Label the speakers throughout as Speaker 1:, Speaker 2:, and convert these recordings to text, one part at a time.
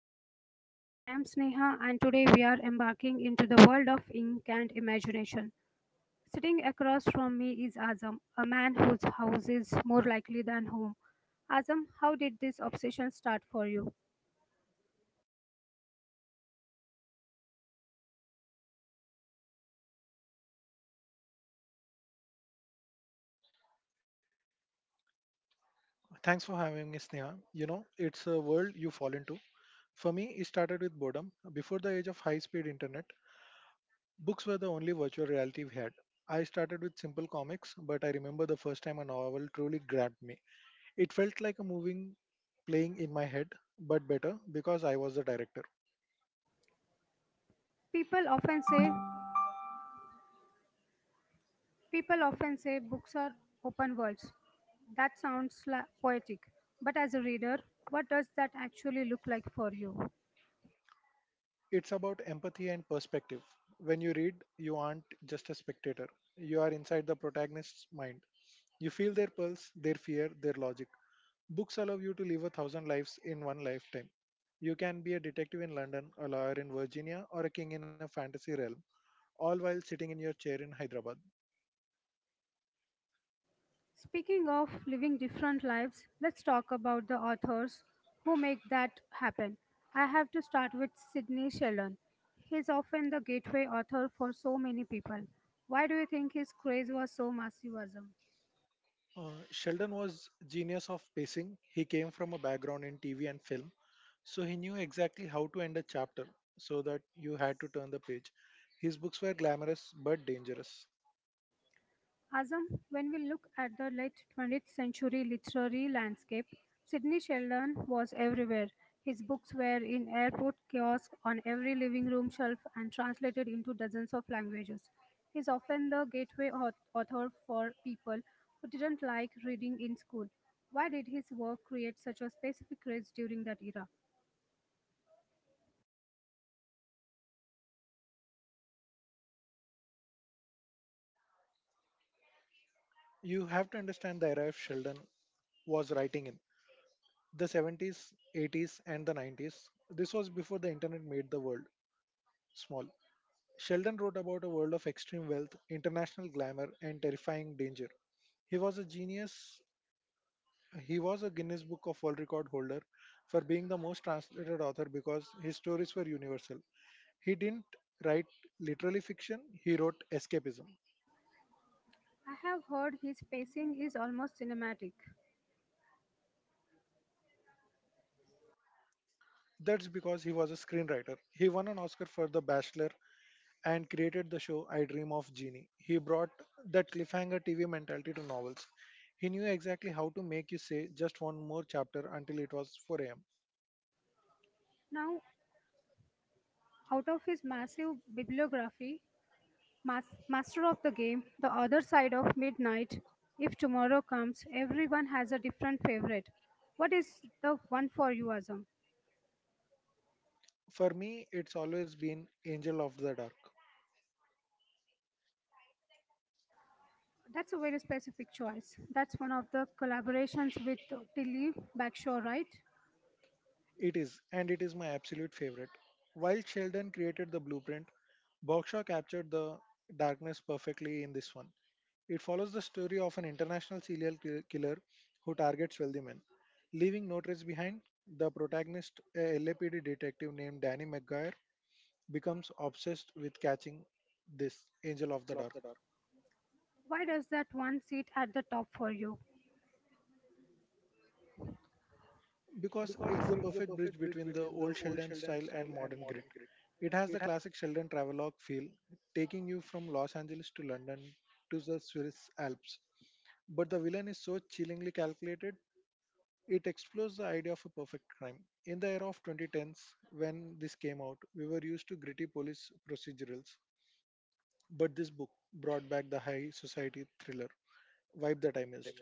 Speaker 1: to the podcast. I am Sneha, and today we are embarking into the world of ink and imagination. Sitting across from me is Azam, a man whose house is more likely than home. Azam, how did this obsession start for you?
Speaker 2: Thanks for having me, Sneha. You know, it's a world you fall into. For me, it started with boredom. Before the age of high speed internet, books were the only virtual reality we had. I started with simple comics, but I remember the first time a novel truly grabbed me. It felt like a moving playing in my head, but better because I was the director.
Speaker 1: People often say people often say books are open worlds. That sounds poetic, but as a reader, what does that actually look like for you?
Speaker 2: It's about empathy and perspective. When you read, you aren't just a spectator, you are inside the protagonist's mind. You feel their pulse, their fear, their logic. Books allow you to live a thousand lives in one lifetime. You can be a detective in London, a lawyer in Virginia, or a king in a fantasy realm, all while sitting in your chair in Hyderabad.
Speaker 1: Speaking of living different lives, let's talk about the authors who make that happen. I have to start with Sidney Sheldon. He's often the gateway author for so many people. Why do you think his craze was so massive?
Speaker 2: Sheldon was genius of pacing. He came from a background in TV and film, so he knew exactly how to end a chapter so that you had to turn the page. His books were glamorous but dangerous.
Speaker 1: Azam, when we look at the late 20th century literary landscape, Sidney Sheldon was everywhere. His books were in airport kiosks, on every living room shelf, and translated into dozens of languages. He is often the gateway author for people who didn't like reading in school. Why did his work create such a specific craze during that era?
Speaker 2: You have to understand the era of Sheldon was writing in the 70s, 80s, and the 90s. This was before the internet made the world small. Sheldon wrote about a world of extreme wealth, international glamour, and terrifying danger. He was a genius. He was a Guinness Book of World Record holder for being the most translated author because his stories were universal. He didn't write literary fiction, he wrote escapism.
Speaker 1: I have heard his pacing is almost cinematic.
Speaker 2: That's because he was a screenwriter. He won an Oscar for The Bachelor and created the show I Dream of Genie. He brought that cliffhanger TV mentality to novels. He knew exactly how to make you say just one more chapter until it was 4 am.
Speaker 1: Now, out of his massive bibliography, master of the game, the other side of midnight. If tomorrow comes, everyone has a different favorite. What is the one for you, Azam?
Speaker 2: For me, it's always been Angel of the Dark.
Speaker 1: That's a very specific choice. That's one of the collaborations with Tilly Backshore, right?
Speaker 2: It is, and it is my absolute favorite. While Sheldon created the blueprint, Bokshaw captured the darkness perfectly in this one. It follows the story of an international killer who targets wealthy men. Leaving no trace behind, the protagonist, a LAPD detective named Danny McGuire, becomes obsessed with catching this angel of the dark.
Speaker 1: Why does that one sit at the top for you?
Speaker 2: Because it's the perfect bridge between the old Sheldon style and modern grit. It has the classic Sheldon travelogue feel, taking you from Los Angeles to London to the Swiss Alps. But the villain is so chillingly calculated, it explores the idea of a perfect crime. In the era of 2010s, when this came out, we were used to gritty police procedurals, but this book brought back the high society thriller vibe that I missed.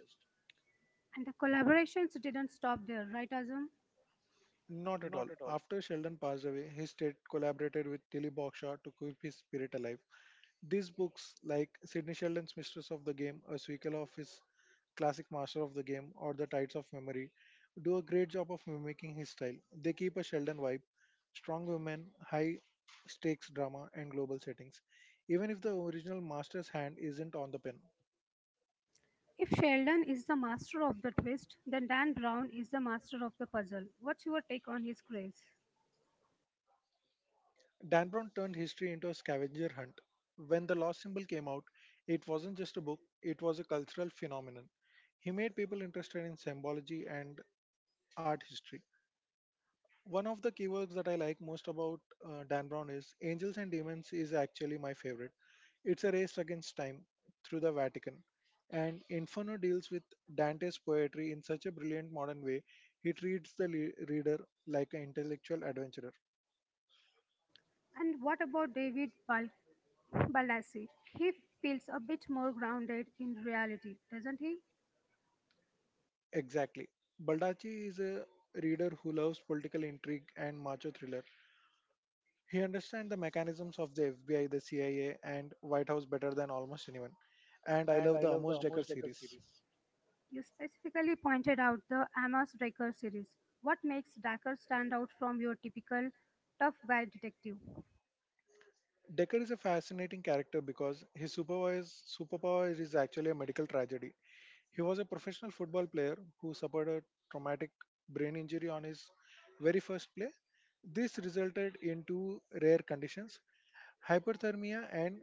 Speaker 1: And the collaborations didn't stop there, right, Azam?
Speaker 2: Not at all. After Sheldon passed away, his estate collaborated with Tilly Bokshaw to keep his spirit alive. These books, like Sidney Sheldon's Mistress of the Game, a sequel of his classic Master of the Game, or The Tides of Memory, do a great job of mimicking his style. They keep a Sheldon vibe, strong women, high stakes drama, and global settings, even if the original master's hand isn't on the pen.
Speaker 1: If Sheldon is the master of the twist, then Dan Brown is the master of the puzzle. What's your take on his craze?
Speaker 2: Dan Brown turned history into a scavenger hunt. When the lost symbol came out, it wasn't just a book, it was a cultural phenomenon. He made people interested in symbology and art history. One of the keywords that I like most about Dan Brown is Angels and Demons is actually my favorite. It's a race against time through the Vatican. And Inferno deals with Dante's poetry in such a brilliant modern way, he treats the reader like an intellectual adventurer.
Speaker 1: And what about Balassi? He feels a bit more grounded in reality, doesn't he?
Speaker 2: Exactly. Baldacci is a reader who loves political intrigue and macho thriller. He understands the mechanisms of the FBI, the CIA, and White House better than almost anyone. And I love the Amos Decker series.
Speaker 1: You specifically pointed out the Amos Decker series. What makes Decker stand out from your typical tough guy detective?
Speaker 2: Decker is a fascinating character because his superpower is actually a medical tragedy. He was a professional football player who suffered a traumatic brain injury on his very first play. This resulted in two rare conditions, hyperthermia and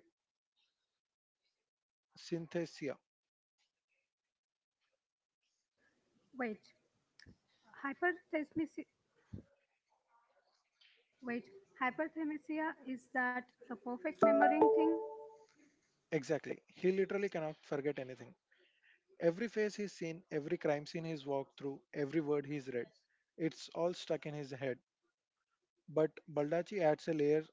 Speaker 2: synesthesia.
Speaker 1: Wait, hyperthermia. Wait, hyperthermia, is that the perfect memorying thing?
Speaker 2: Exactly. He literally cannot forget anything. Every face he's seen, every crime scene he's walked through, every word he's read, it's all stuck in his head. But Baldacci adds a layer,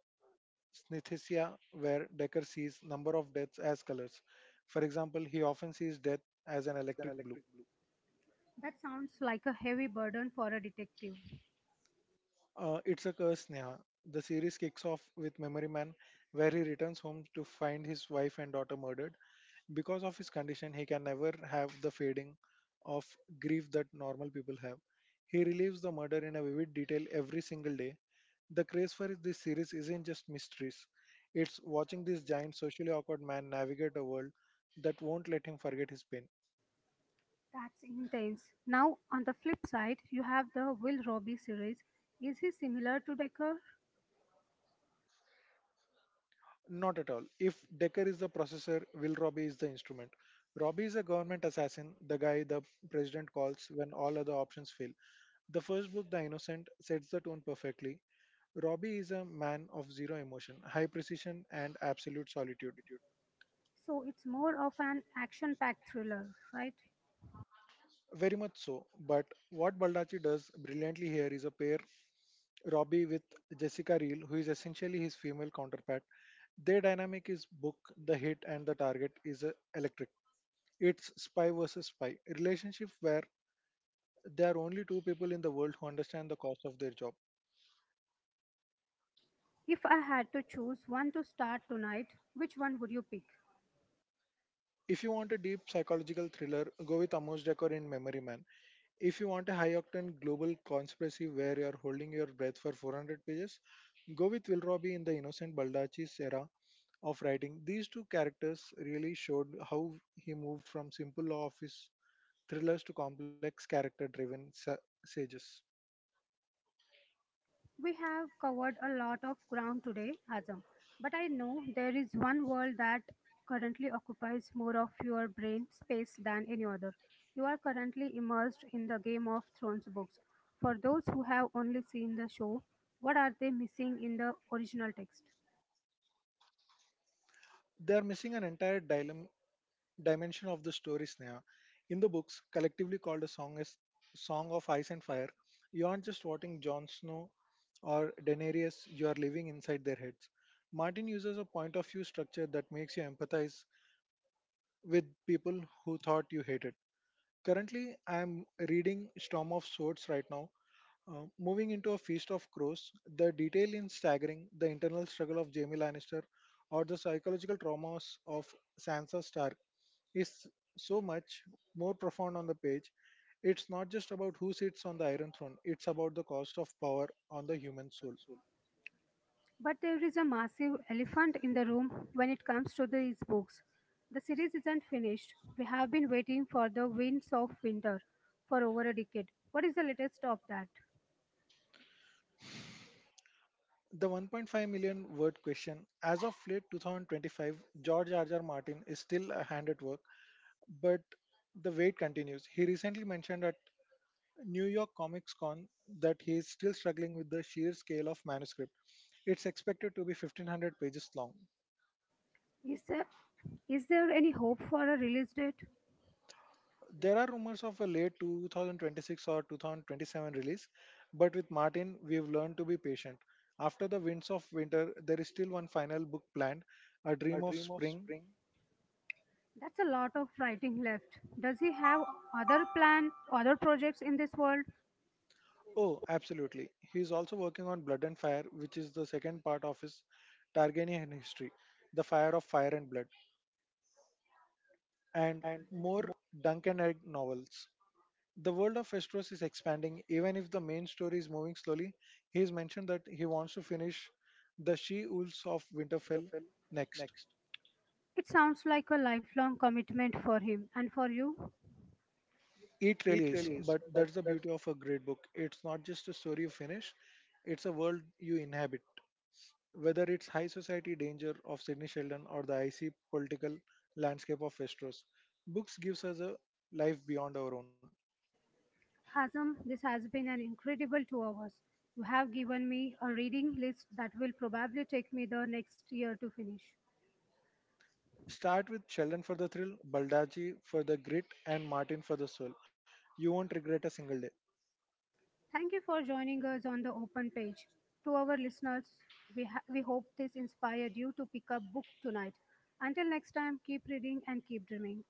Speaker 2: synesthesia where Decker sees number of deaths as colors. For example, he often sees death as an electric blue.
Speaker 1: That sounds like a heavy burden for a detective.
Speaker 2: It's a curse, Neha. The series kicks off with Memory Man, where he returns home to find his wife and daughter murdered. Because of his condition, he can never have the fading of grief that normal people have. He relives the murder in a vivid detail every single day. The craze for this series isn't just mysteries, it's watching this giant socially awkward man navigate a world that won't let him forget his pain.
Speaker 1: That's intense. Now, on the flip side, you have the Will Robbie series. Is he similar to Decker?
Speaker 2: Not at all. If Decker is the processor, Will Robbie is the instrument. Robbie is a government assassin, the guy the president calls when all other options fail. The first book, The Innocent, sets the tone perfectly. Robbie is a man of zero emotion, high precision, and absolute solitude.
Speaker 1: So it's more of an action-packed thriller, right?
Speaker 2: Very much so. But what Baldacci does brilliantly here is a pair Robbie with Jessica Reel, who is essentially his female counterpart. Their dynamic is book, the hit, and the target is electric. It's spy versus spy, a relationship where there are only two people in the world who understand the cost of their job.
Speaker 1: If I had to choose one to start tonight, which one would you pick?
Speaker 2: If you want a deep psychological thriller, go with Amos Decker in Memory Man. If you want a high octane global conspiracy where you are holding your breath for 400 pages, go with Will Robbie in the Innocent Baldacci's era of writing. These two characters really showed how he moved from simple office thrillers to complex character driven sages.
Speaker 1: We have covered a lot of ground today, Azam, but I know there is one world that currently occupies more of your brain space than any other. You are currently immersed in the Game of Thrones books. For those who have only seen the show, what are they missing in the original text?
Speaker 2: They are missing an entire dimension of the story, Sneha. In the books, collectively called a song as Song of Ice and Fire, you aren't just watching Jon Snow or Daenerys, you are living inside their heads. Martin uses a point of view structure that makes you empathize with people who thought you hated. Currently, I am reading Storm of Swords right now. Moving into a Feast of Crows, the detail in staggering, the internal struggle of Jaime Lannister, or the psychological traumas of Sansa Stark is so much more profound on the page. It's not just about who sits on the Iron Throne, it's about the cost of power on the human soul.
Speaker 1: But there is a massive elephant in the room when it comes to these books. The series isn't finished. We have been waiting for The Winds of Winter for over a decade. What is the latest of that?
Speaker 2: The 1.5 million word question. As of late 2025, George R. R. Martin is still a hand at work, but the wait continues. He recently mentioned at New York Comics Con that he is still struggling with the sheer scale of manuscript. It's expected to be 1500 pages long.
Speaker 1: Is there, is there any hope for a release date?
Speaker 2: There are rumors of a late 2026 or 2027 release, but with Martin, we've learned to be patient. After the winds of winter, there is still one final book planned, A Dream of Spring.
Speaker 1: That's a lot of writing left. Does he have other plan, other projects in this world?
Speaker 2: Oh, absolutely. He is also working on Blood and Fire, which is the second part of his Targaryen history, The Fire of Fire and Blood, and more Dunk and Egg novels. The world of Westeros is expanding, even if the main story is moving slowly. He has mentioned that he wants to finish The She-Wolves of Winterfell next.
Speaker 1: It sounds like a lifelong commitment for him and for you.
Speaker 2: It really is, but that's the beauty of a great book. It's not just a story you finish, it's a world you inhabit. Whether it's high society danger of Sidney Sheldon or the icy political landscape of Westeros, books gives us a life beyond our own.
Speaker 1: Hazem, this has been an incredible 2 hours. You have given me a reading list that will probably take me the next year to finish.
Speaker 2: Start with Sheldon for the thrill, Baldacci for the grit, and Martin for the soul. You won't regret a single day.
Speaker 1: Thank you for joining us on the open page. To our listeners, we hope this inspired you to pick up book tonight. Until next time, keep reading and keep dreaming.